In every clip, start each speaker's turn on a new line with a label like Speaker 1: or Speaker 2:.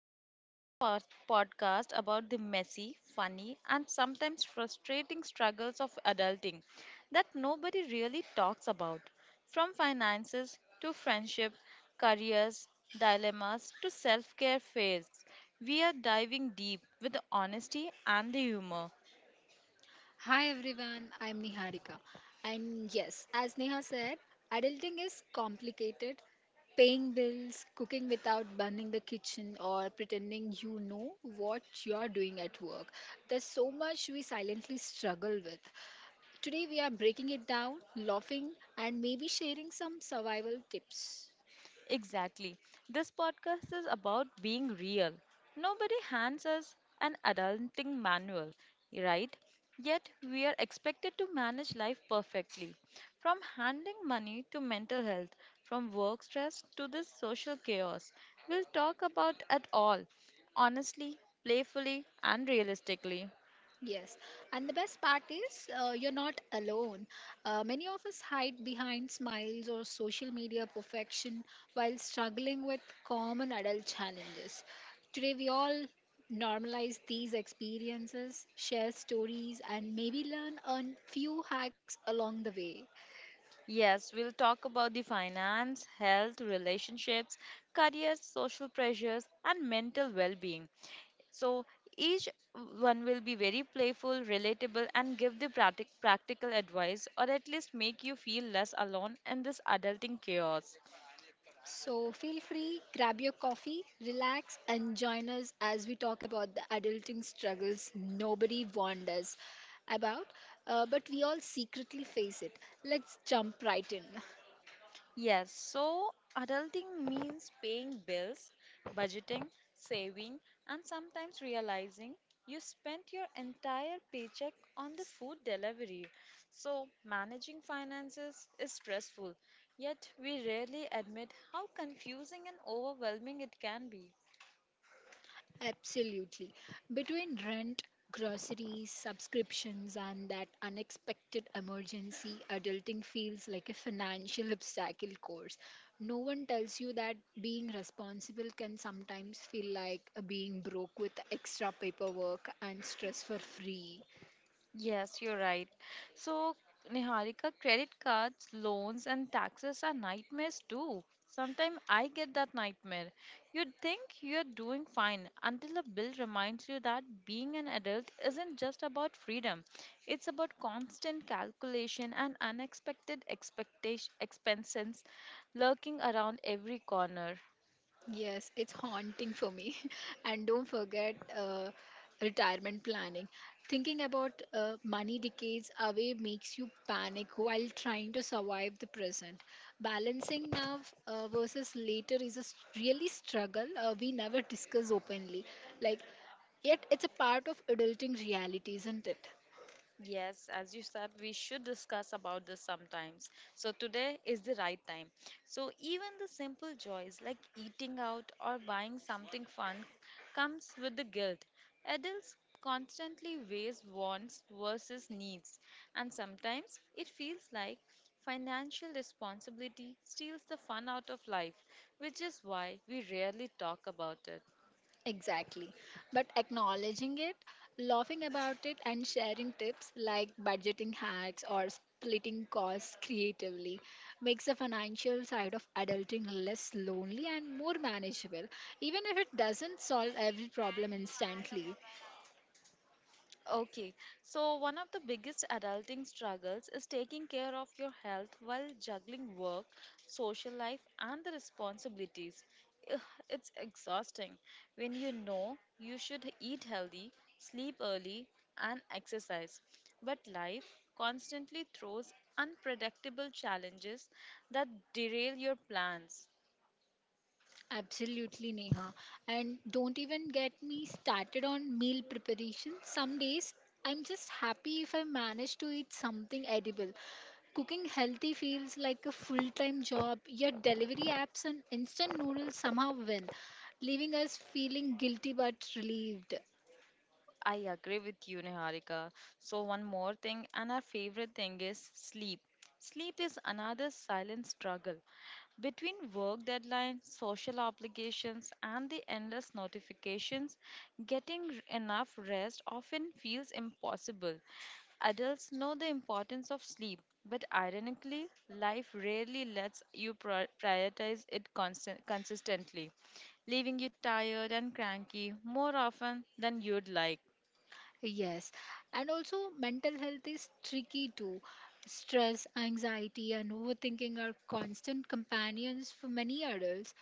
Speaker 1: and welcome to the podcast about the messy, funny, and sometimes frustrating struggles of adulting that nobody really talks about. From finances to friendship, careers, dilemmas to self care fails, we are diving deep with the honesty and the humor.
Speaker 2: Hi everyone, I'm Niharika. And yes, as Neha said, adulting is complicated. Paying bills, cooking without burning the kitchen, or pretending you know what you're doing at work. There's so much we silently struggle with. Today, we are breaking it down, laughing, and maybe sharing some survival tips.
Speaker 1: Exactly. This podcast is about being real. Nobody hands us an adulting manual, right? Yet we are expected to manage life perfectly. From handling money to mental health, from work stress to this social chaos, we'll talk about it all honestly, playfully, and realistically.
Speaker 2: Yes, and the best part is you're not alone. Many of us hide behind smiles or social media perfection while struggling with common adult challenges. Today, we all normalize these experiences, share stories, and maybe learn a few hacks along the way.
Speaker 1: Yes, we'll talk about the finance, health, relationships, careers, social pressures, and mental well being. So each one will be very playful, relatable, and give the practical advice, or at least make you feel less alone in this adulting chaos.
Speaker 2: So feel free, grab your coffee, relax, and join us as we talk about the adulting struggles nobody warned us about, but we all secretly face it. Let's jump right in.
Speaker 1: Yes, so adulting means paying bills, budgeting, saving, and sometimes realizing you spent your entire paycheck on the food delivery. So managing finances is stressful, yet we rarely admit how confusing and overwhelming it can be.
Speaker 2: Absolutely. Between rent, groceries, subscriptions, and that unexpected emergency, adulting feels like a financial obstacle course. No one tells you that being responsible can sometimes feel like being broke with extra paperwork and stress for free.
Speaker 1: Yes, you're right. So, Niharika, credit cards, loans, and taxes are nightmares too. Sometimes I get that nightmare. You think you're doing fine until a bill reminds you that being an adult isn't just about freedom, it's about constant calculation and unexpected expenses lurking around every corner.
Speaker 2: Yes, it's haunting for me. And don't forget retirement planning. Thinking about money decades away makes you panic while trying to survive the present. Balancing now versus later is a really struggle we never discuss openly. Like, yet it's a part of adulting reality, isn't it?
Speaker 1: Yes, as you said, we should discuss about this sometimes. So today is the right time. So even the simple joys like eating out or buying something fun comes with the guilt. Adults constantly weigh wants versus needs, and sometimes it feels like financial responsibility steals the fun out of life, which is why we rarely talk about it.
Speaker 2: Exactly. But acknowledging it, laughing about it, and sharing tips like budgeting hacks or splitting costs creatively makes the financial side of adulting less lonely and more manageable, even if it doesn't solve every problem instantly.
Speaker 1: Okay, so one of the biggest adulting struggles is taking care of your health while juggling work, social life, and the responsibilities. Ugh, It's exhausting when you know you should eat healthy, sleep early, and exercise. But life constantly throws unpredictable challenges that derail your plans.
Speaker 2: Absolutely, Neha. And don't even get me started on meal preparation. Some days I'm just happy if I manage to eat something edible. Cooking healthy feels like a full time job, yet delivery apps and instant noodles somehow win, leaving us feeling guilty but relieved.
Speaker 1: I agree with you, Niharika. So, one more thing, and our favorite thing is sleep. Sleep is another silent struggle. Between work deadlines, social obligations, and the endless notifications, getting enough rest often feels impossible. Adults know the importance of sleep, but ironically, life rarely lets you prioritize it consistently, leaving you tired and cranky more often than you'd like.
Speaker 2: Yes, and also mental health is tricky too. Stress, anxiety, and overthinking are constant companions for many adults.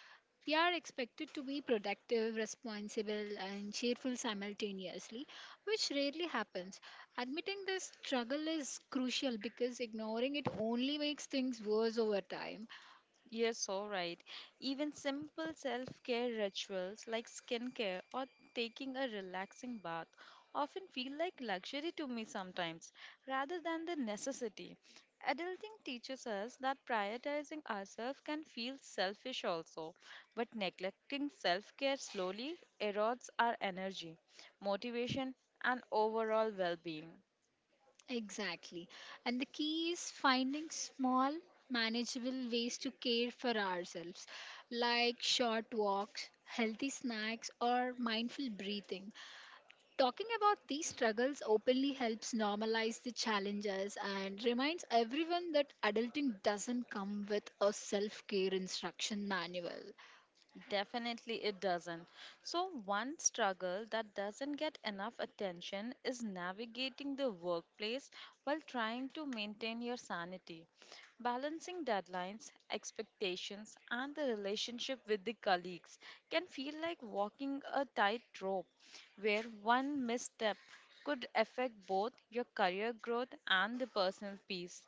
Speaker 2: We are expected to be productive, responsible, and cheerful simultaneously, which rarely happens. Admitting this struggle is crucial because ignoring it only makes things worse over time.
Speaker 1: Yes, all right. Even simple self care rituals like skincare or taking a relaxing bath often feel like luxury to me sometimes rather than the necessity. Adulting teaches us that prioritizing ourselves can feel selfish also, but neglecting self care slowly erodes our energy, motivation, and overall well being.
Speaker 2: Exactly. And the key is finding small, manageable ways to care for ourselves, like short walks, healthy snacks, or mindful breathing. Talking about these struggles openly helps normalize the challenges and reminds everyone that adulting doesn't come with a self care instruction manual.
Speaker 1: Definitely, it doesn't. So, one struggle that doesn't get enough attention is navigating the workplace while trying to maintain your sanity. Balancing deadlines, expectations, and the relationship with the colleagues can feel like walking a tightrope where one misstep could affect both your career growth and the personal peace.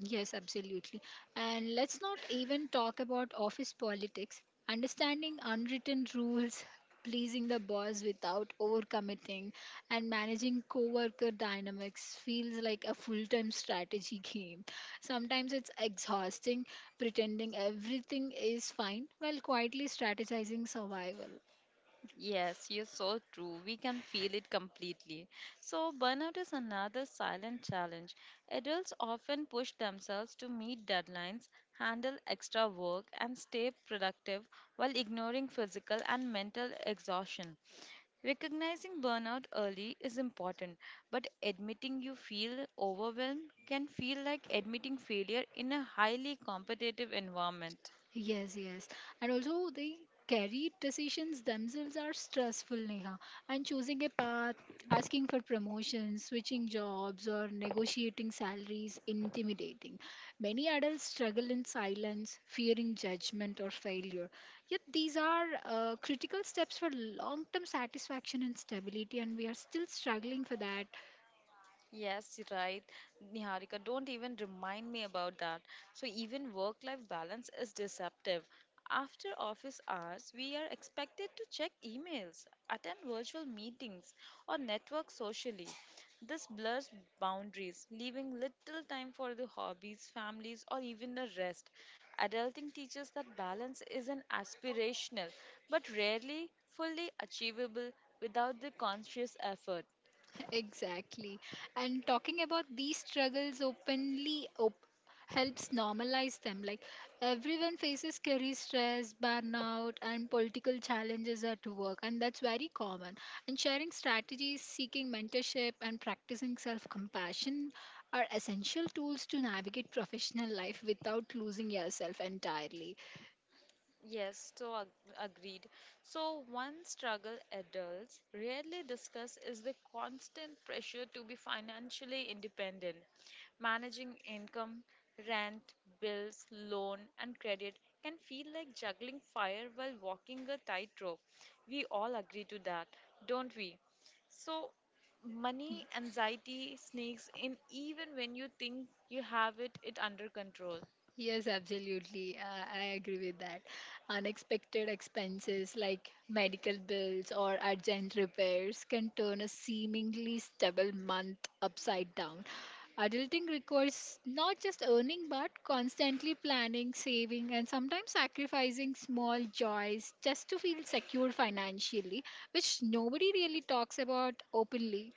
Speaker 2: Yes, absolutely. And let's not even talk about office politics. Understanding unwritten rules, pleasing the boss without overcommitting, and managing coworker dynamics feels like a full-time strategy game. Sometimes it's exhausting pretending everything is fine while quietly strategizing survival.
Speaker 1: Yes, you're so true. We can feel it completely. So, burnout is another silent challenge. Adults often push themselves to meet deadlines, handle extra work, and stay productive while ignoring physical and mental exhaustion. Recognizing burnout early is important, but admitting you feel overwhelmed can feel like admitting failure in a highly competitive environment.
Speaker 2: Yes. And also, the career decisions themselves are stressful, Neha. And choosing a path, asking for promotions, switching jobs, or negotiating salaries intimidating. Many adults struggle in silence, fearing judgment or failure. Yet, these are critical steps for long term satisfaction and stability, and we are still struggling for that.
Speaker 1: Yes, right, Niharika. Don't even remind me about that. So, even work life balance is deceptive. After office hours, we are expected to check emails, attend virtual meetings, or network socially. This blurs boundaries, leaving little time for the hobbies, families, or even the rest. Adulting teaches that balance is an aspirational but rarely fully achievable without the conscious effort.
Speaker 2: Exactly. And talking about these struggles openly helps normalize them. Like everyone faces career stress, burnout, and political challenges at work, and that's very common. And sharing strategies, seeking mentorship, and practicing self compassion are essential tools to navigate professional life without losing yourself entirely.
Speaker 1: Yes, so agreed. So, one struggle adults rarely discuss is the constant pressure to be financially independent. Managing income, rent, bills, loan, and credit can feel like juggling fire while walking a tightrope. We all agree to that, don't we? So, money anxiety sneaks in even when you think you have it under control.
Speaker 2: Yes, absolutely. I agree with that. Unexpected expenses like medical bills or urgent repairs can turn a seemingly stable month upside down. Adulting requires not just earning but constantly planning, saving, and sometimes sacrificing small joys just to feel secure financially, which nobody really talks about openly.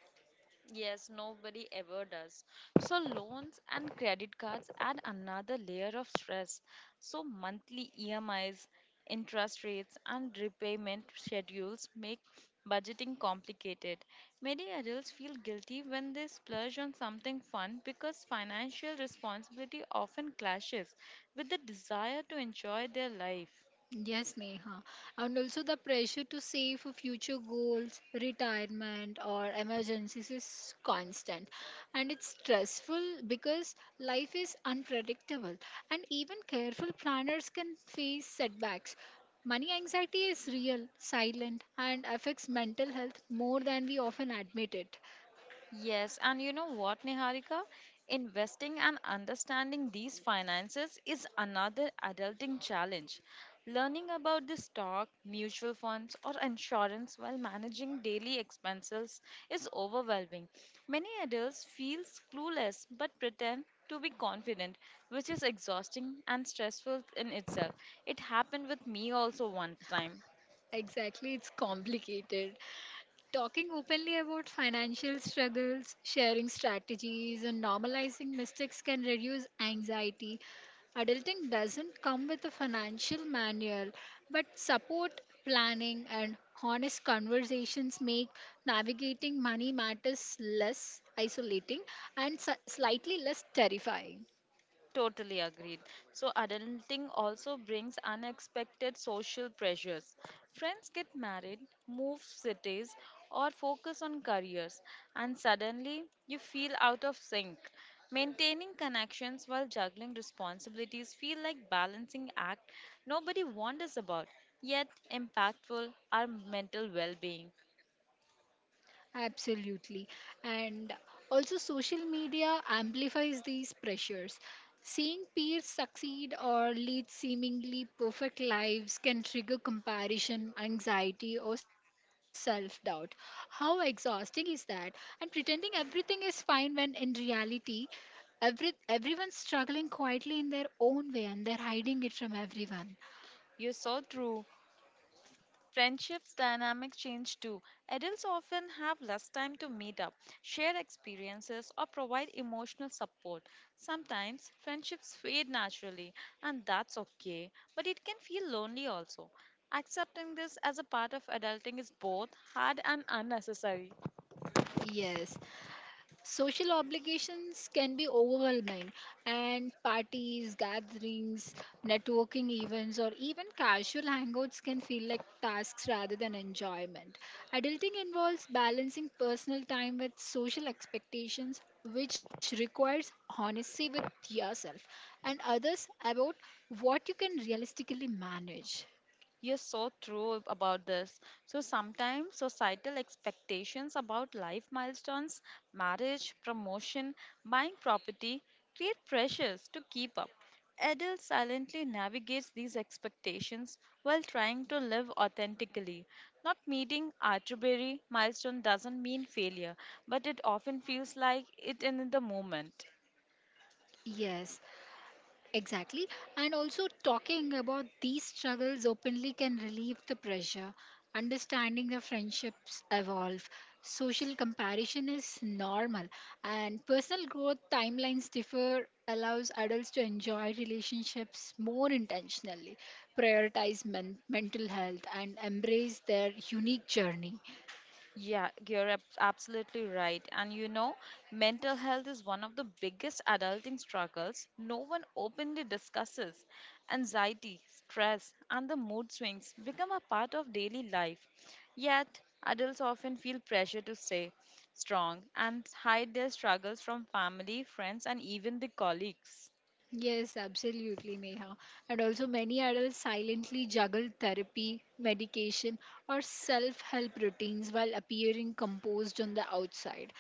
Speaker 1: Yes, nobody ever does. So, loans and credit cards add another layer of stress. So, monthly EMIs, interest rates, and repayment schedules make budgeting complicated. Many adults feel guilty when they splurge on something fun because financial responsibility often clashes with the desire to enjoy their life.
Speaker 2: Yes, Neha. And also the pressure to save for future goals, retirement, or emergencies is constant. And it's stressful because life is unpredictable. And even careful planners can face setbacks. Money anxiety is real, silent, and affects mental health more than we often admit it.
Speaker 1: Yes, and you know what, Niharika? Investing and understanding these finances is another adulting challenge. Learning about the stock, mutual funds, or insurance while managing daily expenses is overwhelming. Many adults feel clueless but pretend to be confident, which is exhausting and stressful in itself. It happened with me also one time.
Speaker 2: Exactly, it's complicated. Talking openly about financial struggles, sharing strategies, and normalizing mistakes can reduce anxiety. Adulting doesn't come with a financial manual, but support, planning, and honest conversations make navigating money matters less isolating and slightly less terrifying.
Speaker 1: Totally agreed. So, adulting also brings unexpected social pressures. Friends get married, move cities, or focus on careers, and suddenly you feel out of sync. Maintaining connections while juggling responsibilities feel like balancing act nobody wonders about, yet impactful our mental well-being.
Speaker 2: Absolutely. And also, social media amplifies these pressures. Seeing peers succeed or lead seemingly perfect lives can trigger comparison, anxiety, or self doubt. How exhausting is that? And pretending everything is fine when in reality, everyone's struggling quietly in their own way and they're hiding it from everyone.
Speaker 1: You're so true. Friendships dynamics change too. Adults often have less time to meet up, share experiences, or provide emotional support. Sometimes friendships fade naturally, and that's okay, but it can feel lonely also. Accepting this as a part of adulting is both hard and unnecessary.
Speaker 2: Yes. Social obligations can be overwhelming, and parties, gatherings, networking events, or even casual hangouts can feel like tasks rather than enjoyment. Adulting involves balancing personal time with social expectations, which requires honesty with yourself and others about what you can realistically manage.
Speaker 1: You're so true about this. So sometimes societal expectations about life milestones, marriage, promotion, buying property create pressures to keep up. Adele silently navigates these expectations while trying to live authentically. Not meeting arbitrary milestone doesn't mean failure, but it often feels like it in the moment.
Speaker 2: Yes, exactly. And also, talking about these struggles openly can relieve the pressure. Understanding the friendships evolve. Social comparison is normal. And personal growth timelines differ allows adults to enjoy relationships more intentionally, prioritize mental health, and embrace their unique journey.
Speaker 1: Yeah, you're absolutely right. And you know, mental health is one of the biggest adulting struggles no one openly discusses. Anxiety, stress, and the mood swings become a part of daily life. Yet, adults often feel pressure to stay strong and hide their struggles from family, friends, and even the colleagues.
Speaker 2: Yes, absolutely, Neha. And also, many adults silently juggle therapy, medication, or self help routines while appearing composed on the outside.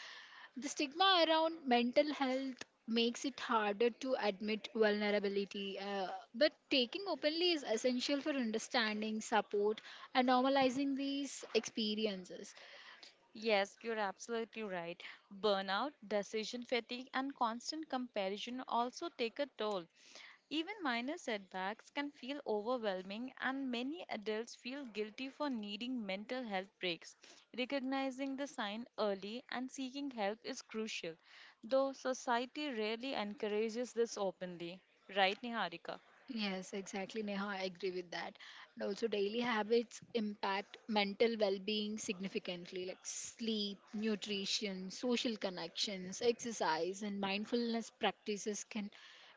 Speaker 2: The stigma around mental health makes it harder to admit vulnerability, but taking openly is essential for understanding, support, and normalizing these experiences.
Speaker 1: Yes, you're absolutely right. Burnout, decision fatigue, and constant comparison also take a toll. Even minor setbacks can feel overwhelming, and many adults feel guilty for needing mental health breaks. Recognizing the sign early and seeking help is crucial, though society rarely encourages this openly. Right, Niharika?
Speaker 2: Yes, exactly, Neha. I agree with that. And also, daily habits impact mental well being significantly, like sleep, nutrition, social connections, exercise, and mindfulness practices can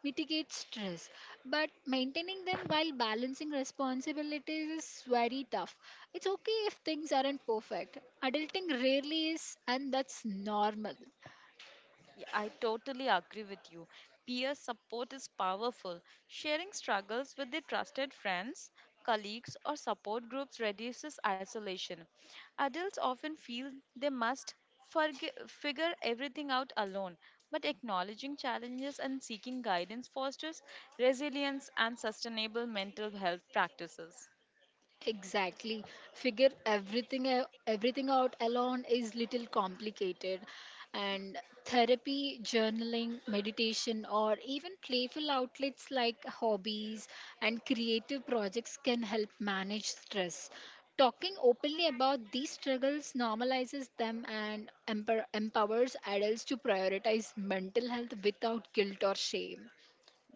Speaker 2: mitigate stress. But maintaining them while balancing responsibilities is very tough. It's okay if things aren't perfect. Adulting rarely is, and that's normal.
Speaker 1: Yeah, I totally agree with you. Peer support is powerful. Sharing struggles with the trusted friends, colleagues, or support groups reduces isolation. Adults often feel they must figure everything out alone, but acknowledging challenges and seeking guidance fosters resilience and sustainable mental health practices.
Speaker 2: Exactly. Figure everything out alone is little complicated and therapy, journaling, meditation or even playful outlets like hobbies and creative projects can help manage stress. Talking openly about these struggles normalizes them and empowers adults to prioritize mental health without guilt or shame.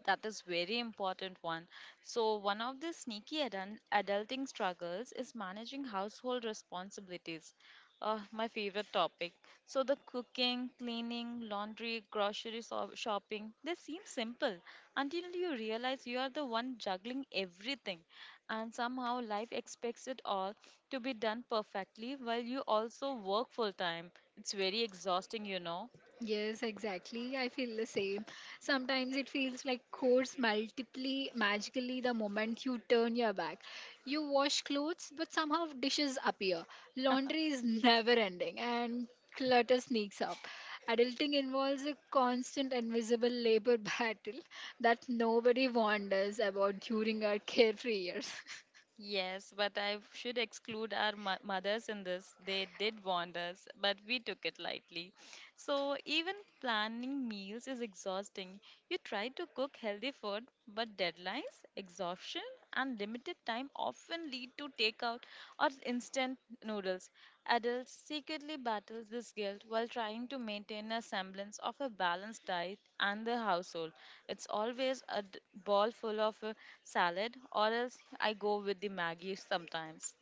Speaker 1: That is very important one. So one of the sneaky adulting struggles is managing household responsibilities. My favorite topic. So the cooking, cleaning, laundry, grocery shopping, they seem simple until you realize you are the one juggling everything and somehow life expects it all to be done perfectly while you also work full time. It's very exhausting, you know.
Speaker 2: Yes, exactly. I feel the same. Sometimes it feels like codes multiply magically the moment you turn your back. You wash clothes, but somehow dishes appear. Laundry is never ending, and clutter sneaks up. Adulting involves a constant invisible labor battle that nobody wonders about during our carefree years.
Speaker 1: Yes, but I should exclude our mothers in this. They did warn us, but we took it lightly. So, even planning meals is exhausting. You try to cook healthy food, but deadlines, exhaustion, and limited time often lead to takeout or instant noodles. Adults secretly battle this guilt while trying to maintain a semblance of a balanced diet and the household. It's always a ball full of salad, or else I go with the Maggie sometimes.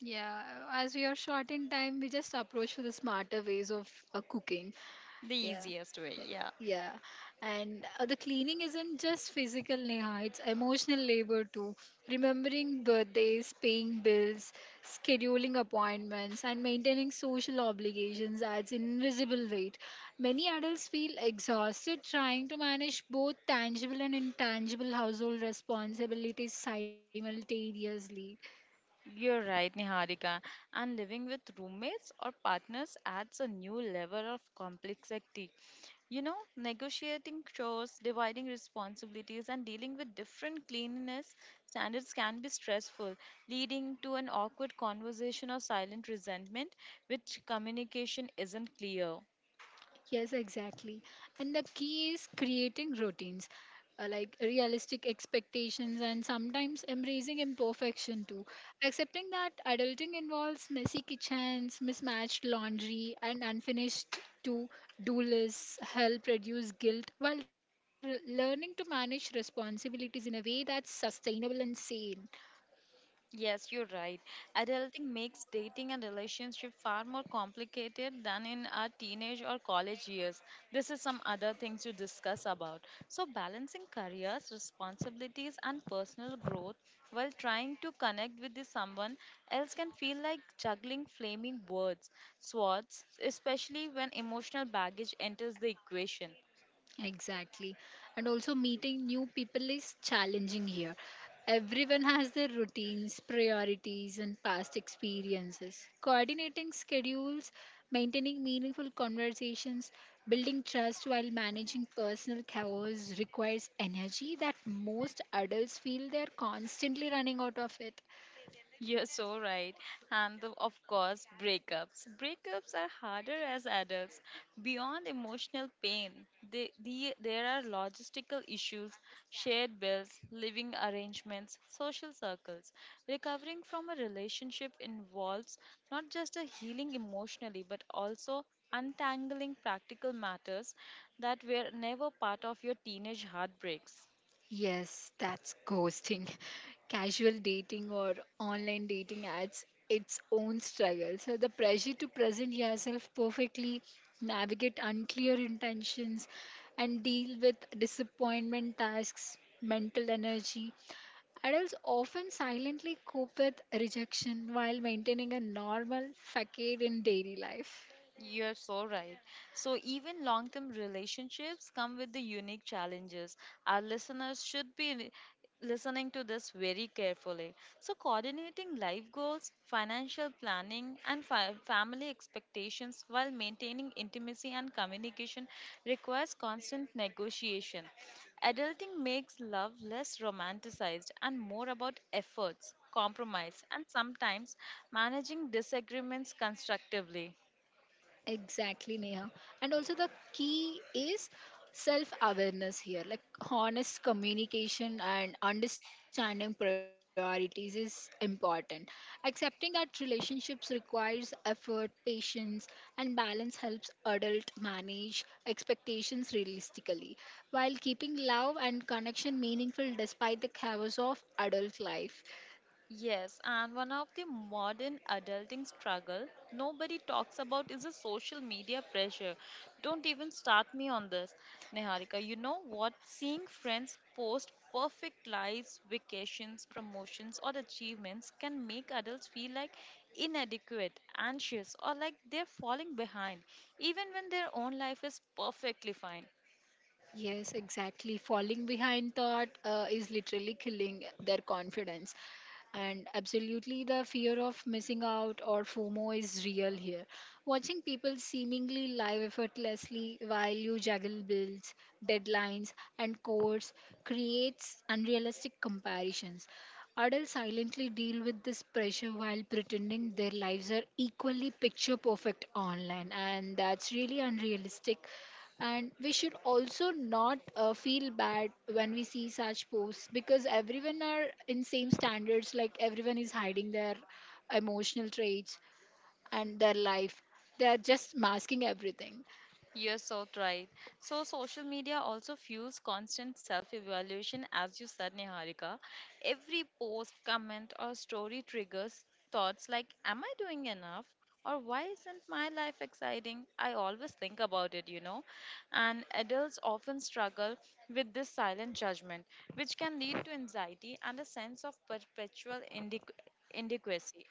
Speaker 2: Yeah, as we are short in time, we just approach to the smarter ways of cooking.
Speaker 1: The
Speaker 2: Yeah.
Speaker 1: easiest way,
Speaker 2: y-
Speaker 1: yeah.
Speaker 2: Yeah. And the cleaning isn't just physical, Neha, it's emotional labor too. Remembering birthdays, paying bills, scheduling appointments, and maintaining social obligations adds invisible weight. Many adults feel exhausted trying to manage both tangible and intangible household responsibilities simultaneously.
Speaker 1: You're right, Niharika. And living with roommates or partners adds a new level of complexity. You know, negotiating chores, dividing responsibilities, and dealing with different cleanliness standards can be stressful, leading to an awkward conversation or silent resentment, which communication isn't clear.
Speaker 2: Yes, exactly. And the key is creating routines, like realistic expectations, and sometimes embracing imperfection too. Accepting that adulting involves messy kitchens, mismatched laundry, and unfinished to do lists help reduce guilt while learning to manage responsibilities in a way that's sustainable and sane.
Speaker 1: Yes, you're right. Adulting makes dating and relationship far more complicated than in our teenage or college years. This is some other thing to discuss about. So, balancing careers, responsibilities, and personal growth while trying to connect with the someone else can feel like juggling flaming words, swords, especially when emotional baggage enters the equation.
Speaker 2: Exactly. And also, meeting new people is challenging here. Everyone has their routines, priorities, and past experiences. Coordinating schedules, maintaining meaningful conversations, building trust while managing personal chaos requires energy that most adults feel they're constantly running out of it.
Speaker 1: You're so right. And of course, breakups. Breakups are harder as adults. Beyond emotional pain, there are logistical issues, shared bills, living arrangements, social circles. Recovering from a relationship involves not just a healing emotionally, but also untangling practical matters that were never part of your teenage heartbreaks.
Speaker 2: Yes, that's ghosting. Casual dating or online dating adds its own struggle. So, the pressure to present yourself perfectly, navigate unclear intentions, and deal with disappointment tasks, mental energy. Adults often silently cope with rejection while maintaining a normal facade in daily life.
Speaker 1: You're so right. So, even long term relationships come with the unique challenges. Our listeners should be listening to this very carefully. So, coordinating life goals, financial planning, and family expectations while maintaining intimacy and communication requires constant negotiation. Adulting makes love less romanticized and more about efforts, compromise, and sometimes managing disagreements constructively.
Speaker 2: Exactly, Neha. And also, the key is self awareness here. Like, honest communication and understanding priorities is important. Accepting that relationships requires effort, patience, and balance helps adult manage expectations realistically while keeping love and connection meaningful despite the chaos of adult life.
Speaker 1: Yes, and one of the modern adulting struggle nobody talks about is the social media pressure. Don't even start me on this, Neharika. You know what? Seeing friends post perfect lives, vacations, promotions, or achievements can make adults feel like inadequate, anxious, or like they're falling behind, even when their own life is perfectly fine.
Speaker 2: Yes, exactly. Falling behind thought is literally killing their confidence. And absolutely, the fear of missing out or FOMO is real here. Watching people seemingly live effortlessly while you juggle bills, deadlines, and course creates unrealistic comparations. Adults silently deal with this pressure while pretending their lives are equally picture perfect online, and that's really unrealistic and we should also not feel bad when we see such posts because everyone are in same standards like everyone is hiding their emotional traits and their life they are just masking everything.
Speaker 1: You're so right. So, social media also fuels constant self evaluation, as you said, Niharika. Every post, comment, or story triggers thoughts like, am I doing enough? Or why isn't my life exciting? I always think about it, you know. And adults often struggle with this silent judgment, which can lead to anxiety and a sense of perpetual inadequacy.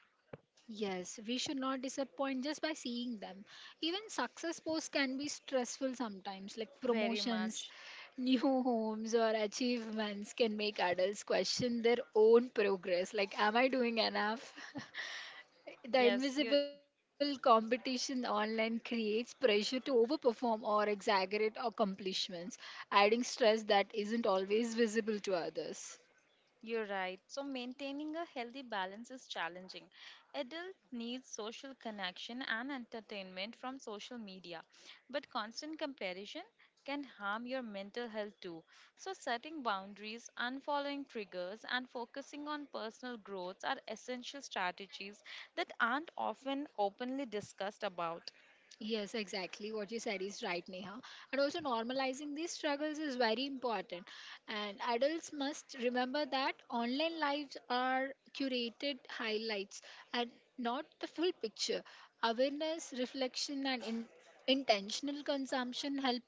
Speaker 2: Yes, we should not disappoint just by seeing them. Even success posts can be stressful sometimes like
Speaker 1: Very
Speaker 2: promotions
Speaker 1: much.
Speaker 2: new homes or achievements can make adults question their own progress like am I doing enough? The
Speaker 1: Yes, you
Speaker 2: invisible competition online creates pressure to overperform or exaggerate accomplishments, adding stress that isn't always visible to others.
Speaker 1: You're right. So, maintaining a healthy balance is challenging. Adults need social connection and entertainment from social media, but constant comparison can harm your mental health too. So, setting boundaries, unfollowing triggers, and focusing on personal growth are essential strategies that aren't often openly discussed about.
Speaker 2: Yes, exactly. What you said is right, Neha. And also, normalizing these struggles is very important. And adults must remember that online lives are curated highlights and not the full picture. Awareness, reflection, and intentional consumption help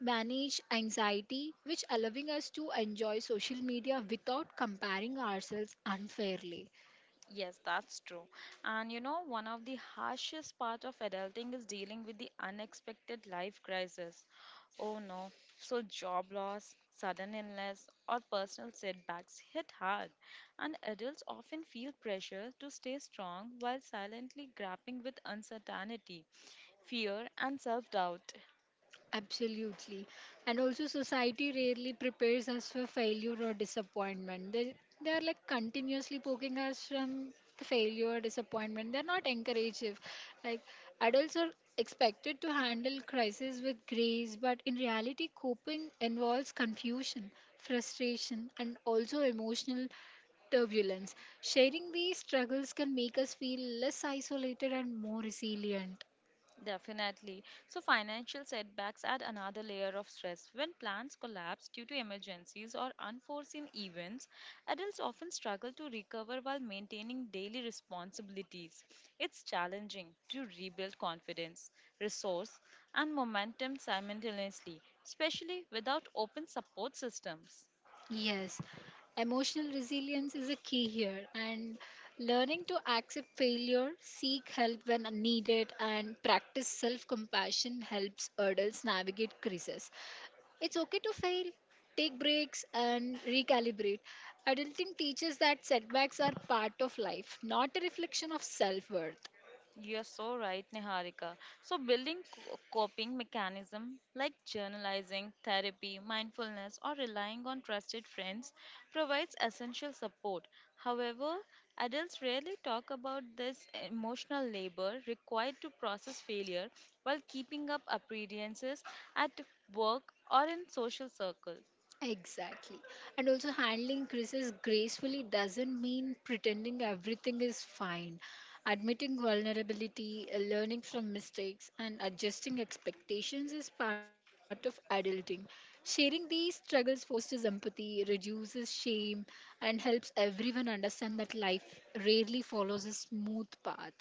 Speaker 2: manage anxiety, which allowing us to enjoy social media without comparing ourselves unfairly.
Speaker 1: Yes, that's true. And you know, one of the harshest part of adulting is dealing with the unexpected life crisis. Oh no, so job loss, sudden illness, or personal setbacks hit hard, and adults often feel pressure to stay strong while silently grappling with uncertainty, fear, and self doubt.
Speaker 2: Absolutely. And also, society rarely prepares us for failure or disappointment. They are like continuously poking us from the failure or disappointment. They're not encouraging. Like, adults are expected to handle crisis with grace, but in reality, coping involves confusion, frustration, and also emotional turbulence. Sharing these struggles can make us feel less isolated and more resilient.
Speaker 1: Definitely. So, financial setbacks add another layer of stress. When plans collapse due to emergencies or unforeseen events, adults often struggle to recover while maintaining daily responsibilities. It's challenging to rebuild confidence, resource, and momentum simultaneously, especially without open support systems.
Speaker 2: Yes, emotional resilience is a key here, and learning to accept failure, seek help when needed, and practice self compassion helps adults navigate crises. It's okay to fail, take breaks, and recalibrate. Adulting teaches that setbacks are part of life, not a reflection of self worth.
Speaker 1: You're so right, Niharika. So, building coping mechanism like journalizing, therapy, mindfulness, or relying on trusted friends provides essential support. However, adults rarely talk about this emotional labor required to process failure while keeping up appearances at work or in social circles.
Speaker 2: Exactly. And also, handling crisis gracefully doesn't mean pretending everything is fine. Admitting vulnerability, learning from mistakes, and adjusting expectations is part of adulting. Sharing these struggles fosters empathy, reduces shame, and helps everyone understand that life rarely follows a smooth path.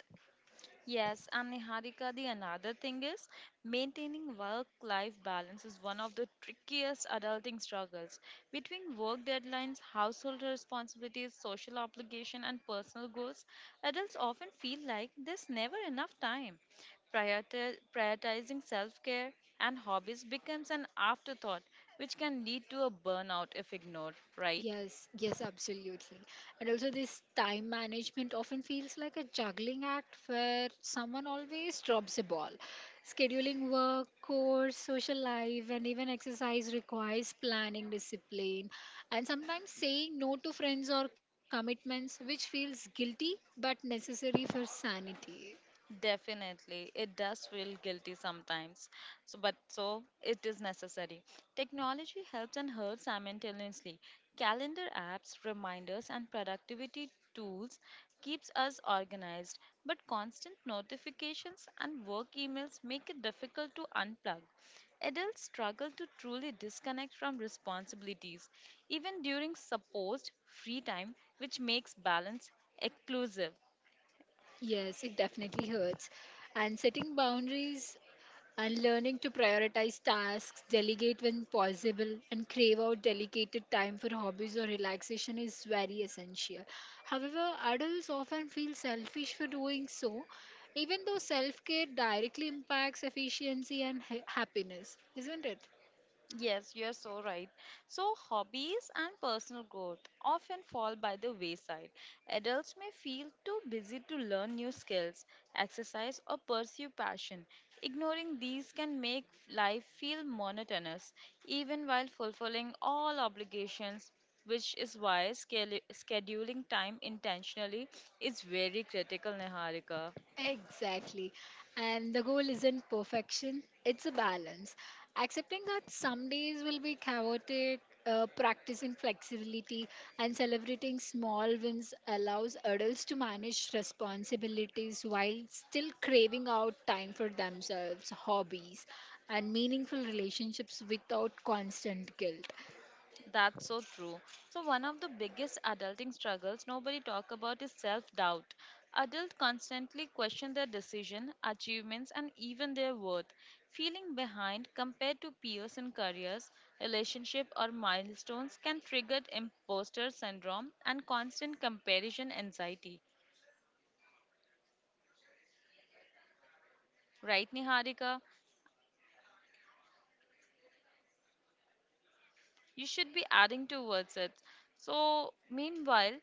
Speaker 1: Yes, and Niharika, the another thing is maintaining work life balance is one of the trickiest adulting struggles. Between work deadlines, household responsibilities, social obligation, and personal goals, adults often feel like there's never enough time. Prioritizing self care and hobbies becomes an afterthought, which can lead to a burnout if ignored, right?
Speaker 2: Yes, Absolutely. And also, this time management often feels like a juggling act where someone always drops a ball. Scheduling work, course, social life, and even exercise requires planning, discipline, and sometimes saying no to friends or commitments, which feels guilty but necessary for sanity.
Speaker 1: Definitely, it does feel guilty sometimes, so, but so it is necessary. Technology helps and hurts simultaneously. Calendar apps, reminders, and productivity tools keeps us organized, but constant notifications and work emails make it difficult to unplug. Adults struggle to truly disconnect from responsibilities, even during supposed free time, which makes balance exclusive.
Speaker 2: Yes, it definitely hurts. And setting boundaries and learning to prioritize tasks, delegate when possible, and crave out dedicated time for hobbies or relaxation is very essential. However, adults often feel selfish for doing so, even though self care directly impacts efficiency and happiness, isn't it?
Speaker 1: Yes, you're so right. So, hobbies and personal growth often fall by the wayside. Adults may feel too busy to learn new skills, exercise, or pursue passion. Ignoring these can make life feel monotonous, even while fulfilling all obligations, which is why scheduling time intentionally is very critical, Niharika.
Speaker 2: Exactly. And the goal isn't perfection, it's a balance. Accepting that some days will be chaotic, practicing flexibility, and celebrating small wins allows adults to manage responsibilities while still craving out time for themselves, hobbies, and meaningful relationships without constant guilt.
Speaker 1: That's so true. So one of the biggest adulting struggles nobody talk about is self-doubt. Adults constantly question their decision, achievements and even their worth, feeling behind compared to peers in careers, relationship or milestones can trigger imposter syndrome and constant comparison anxiety.
Speaker 2: Absolutely, Neha. And also, imposter
Speaker 1: Right,
Speaker 2: syndrome is,
Speaker 1: Niharika?
Speaker 2: yes, Neha, yes. Imposter syndrome is
Speaker 1: You
Speaker 2: exhausting,
Speaker 1: should be
Speaker 2: Neha.
Speaker 1: adding towards it. So meanwhile,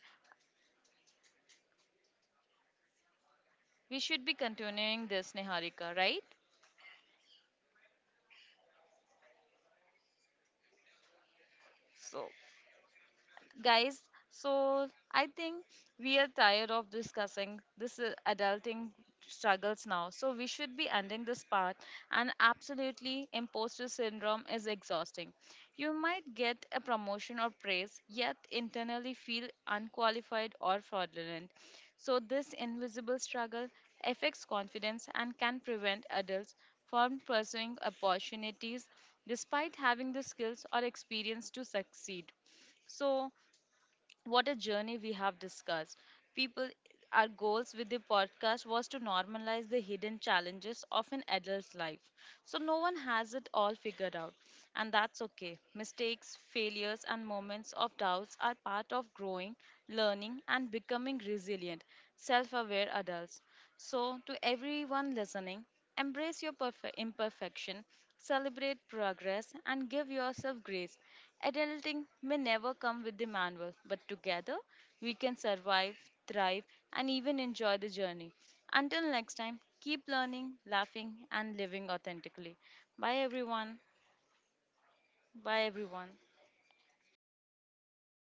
Speaker 1: we should be continuing this, Niharika,
Speaker 2: You
Speaker 1: right?
Speaker 2: might get a promotion or praise, yet internally feel unqualified or fraudulent
Speaker 1: So
Speaker 2: sometimes. This invisible
Speaker 1: guys,
Speaker 2: struggle affects
Speaker 1: so I think
Speaker 2: confidence and can
Speaker 1: we are
Speaker 2: prevent
Speaker 1: tired
Speaker 2: adults
Speaker 1: of
Speaker 2: from
Speaker 1: discussing
Speaker 2: pursuing
Speaker 1: this
Speaker 2: opportunities,
Speaker 1: adulting
Speaker 2: despite having the
Speaker 1: struggles now,
Speaker 2: skills
Speaker 1: so we
Speaker 2: or
Speaker 1: should be ending
Speaker 2: experience
Speaker 1: this
Speaker 2: to
Speaker 1: part.
Speaker 2: succeed.
Speaker 1: And absolutely, imposter syndrome is exhausting.
Speaker 2: Yes.
Speaker 1: You might
Speaker 2: And
Speaker 1: get a
Speaker 2: also,
Speaker 1: promotion
Speaker 2: even
Speaker 1: or
Speaker 2: highly
Speaker 1: praise, yet
Speaker 2: competent
Speaker 1: internally
Speaker 2: adults
Speaker 1: feel
Speaker 2: experience
Speaker 1: unqualified
Speaker 2: moments
Speaker 1: or
Speaker 2: of
Speaker 1: fraudulent.
Speaker 2: uncertainty.
Speaker 1: So this
Speaker 2: Questioning
Speaker 1: invisible
Speaker 2: abilities is
Speaker 1: struggle
Speaker 2: very
Speaker 1: affects
Speaker 2: normal,
Speaker 1: confidence
Speaker 2: but
Speaker 1: and can
Speaker 2: chronic
Speaker 1: prevent
Speaker 2: self doubt
Speaker 1: adults
Speaker 2: can be
Speaker 1: from pursuing
Speaker 2: paralyzing. Adults
Speaker 1: opportunities
Speaker 2: need strategies
Speaker 1: despite
Speaker 2: to
Speaker 1: having the
Speaker 2: validate
Speaker 1: skills or
Speaker 2: accomplishments
Speaker 1: experience to succeed.
Speaker 2: internally rather than
Speaker 1: So
Speaker 2: relying solely
Speaker 1: what a
Speaker 2: on
Speaker 1: journey we
Speaker 2: external
Speaker 1: have
Speaker 2: feedback to
Speaker 1: discussed.
Speaker 2: worthy
Speaker 1: People,
Speaker 2: or
Speaker 1: our
Speaker 2: capable.
Speaker 1: goals with the
Speaker 2: As Neha has
Speaker 1: podcast was to
Speaker 2: discussed about all
Speaker 1: normalize the
Speaker 2: this is
Speaker 1: hidden
Speaker 2: very true
Speaker 1: challenges
Speaker 2: and
Speaker 1: of an adult's
Speaker 2: I
Speaker 1: life.
Speaker 2: suggest
Speaker 1: So no one
Speaker 2: everyone
Speaker 1: has it
Speaker 2: to
Speaker 1: all
Speaker 2: follow
Speaker 1: figured out,
Speaker 2: all this.
Speaker 1: and that's
Speaker 2: Adulting
Speaker 1: okay.
Speaker 2: is
Speaker 1: Mistakes, failures, and
Speaker 2: normal. We should be
Speaker 1: moments of
Speaker 2: normal in
Speaker 1: doubts
Speaker 2: all
Speaker 1: are part of
Speaker 2: cases.
Speaker 1: growing,
Speaker 2: Okay.
Speaker 1: learning, and
Speaker 2: And talking
Speaker 1: becoming
Speaker 2: openly about
Speaker 1: resilient,
Speaker 2: imposter
Speaker 1: self aware
Speaker 2: syndrome
Speaker 1: adults.
Speaker 2: and self doubt
Speaker 1: So, to
Speaker 2: helps normalize
Speaker 1: everyone
Speaker 2: it.
Speaker 1: listening,
Speaker 2: So,
Speaker 1: embrace your
Speaker 2: sharing experiences,
Speaker 1: imperfection,
Speaker 2: mentoring others,
Speaker 1: celebrate
Speaker 2: and
Speaker 1: progress,
Speaker 2: cultivating
Speaker 1: and give
Speaker 2: self
Speaker 1: yourself
Speaker 2: compassion
Speaker 1: grace.
Speaker 2: reduces
Speaker 1: Adulting
Speaker 2: isolation
Speaker 1: may never
Speaker 2: and
Speaker 1: come with the
Speaker 2: empowers
Speaker 1: manual,
Speaker 2: adults to
Speaker 1: but
Speaker 2: pursue
Speaker 1: together
Speaker 2: goals
Speaker 1: we can
Speaker 2: without
Speaker 1: survive,
Speaker 2: letting fear or
Speaker 1: thrive, and even
Speaker 2: compassion
Speaker 1: enjoy the journey.
Speaker 2: dictate their
Speaker 1: Until next time,
Speaker 2: choices.
Speaker 1: keep learning,
Speaker 2: Yes.
Speaker 1: laughing,
Speaker 2: So, to
Speaker 1: and living
Speaker 2: everyone
Speaker 1: authentically.
Speaker 2: listening here,
Speaker 1: Bye,
Speaker 2: embrace
Speaker 1: everyone.
Speaker 2: imperfection, celebrate
Speaker 1: Bye,
Speaker 2: progress, and
Speaker 1: everyone.
Speaker 2: give yourself grace.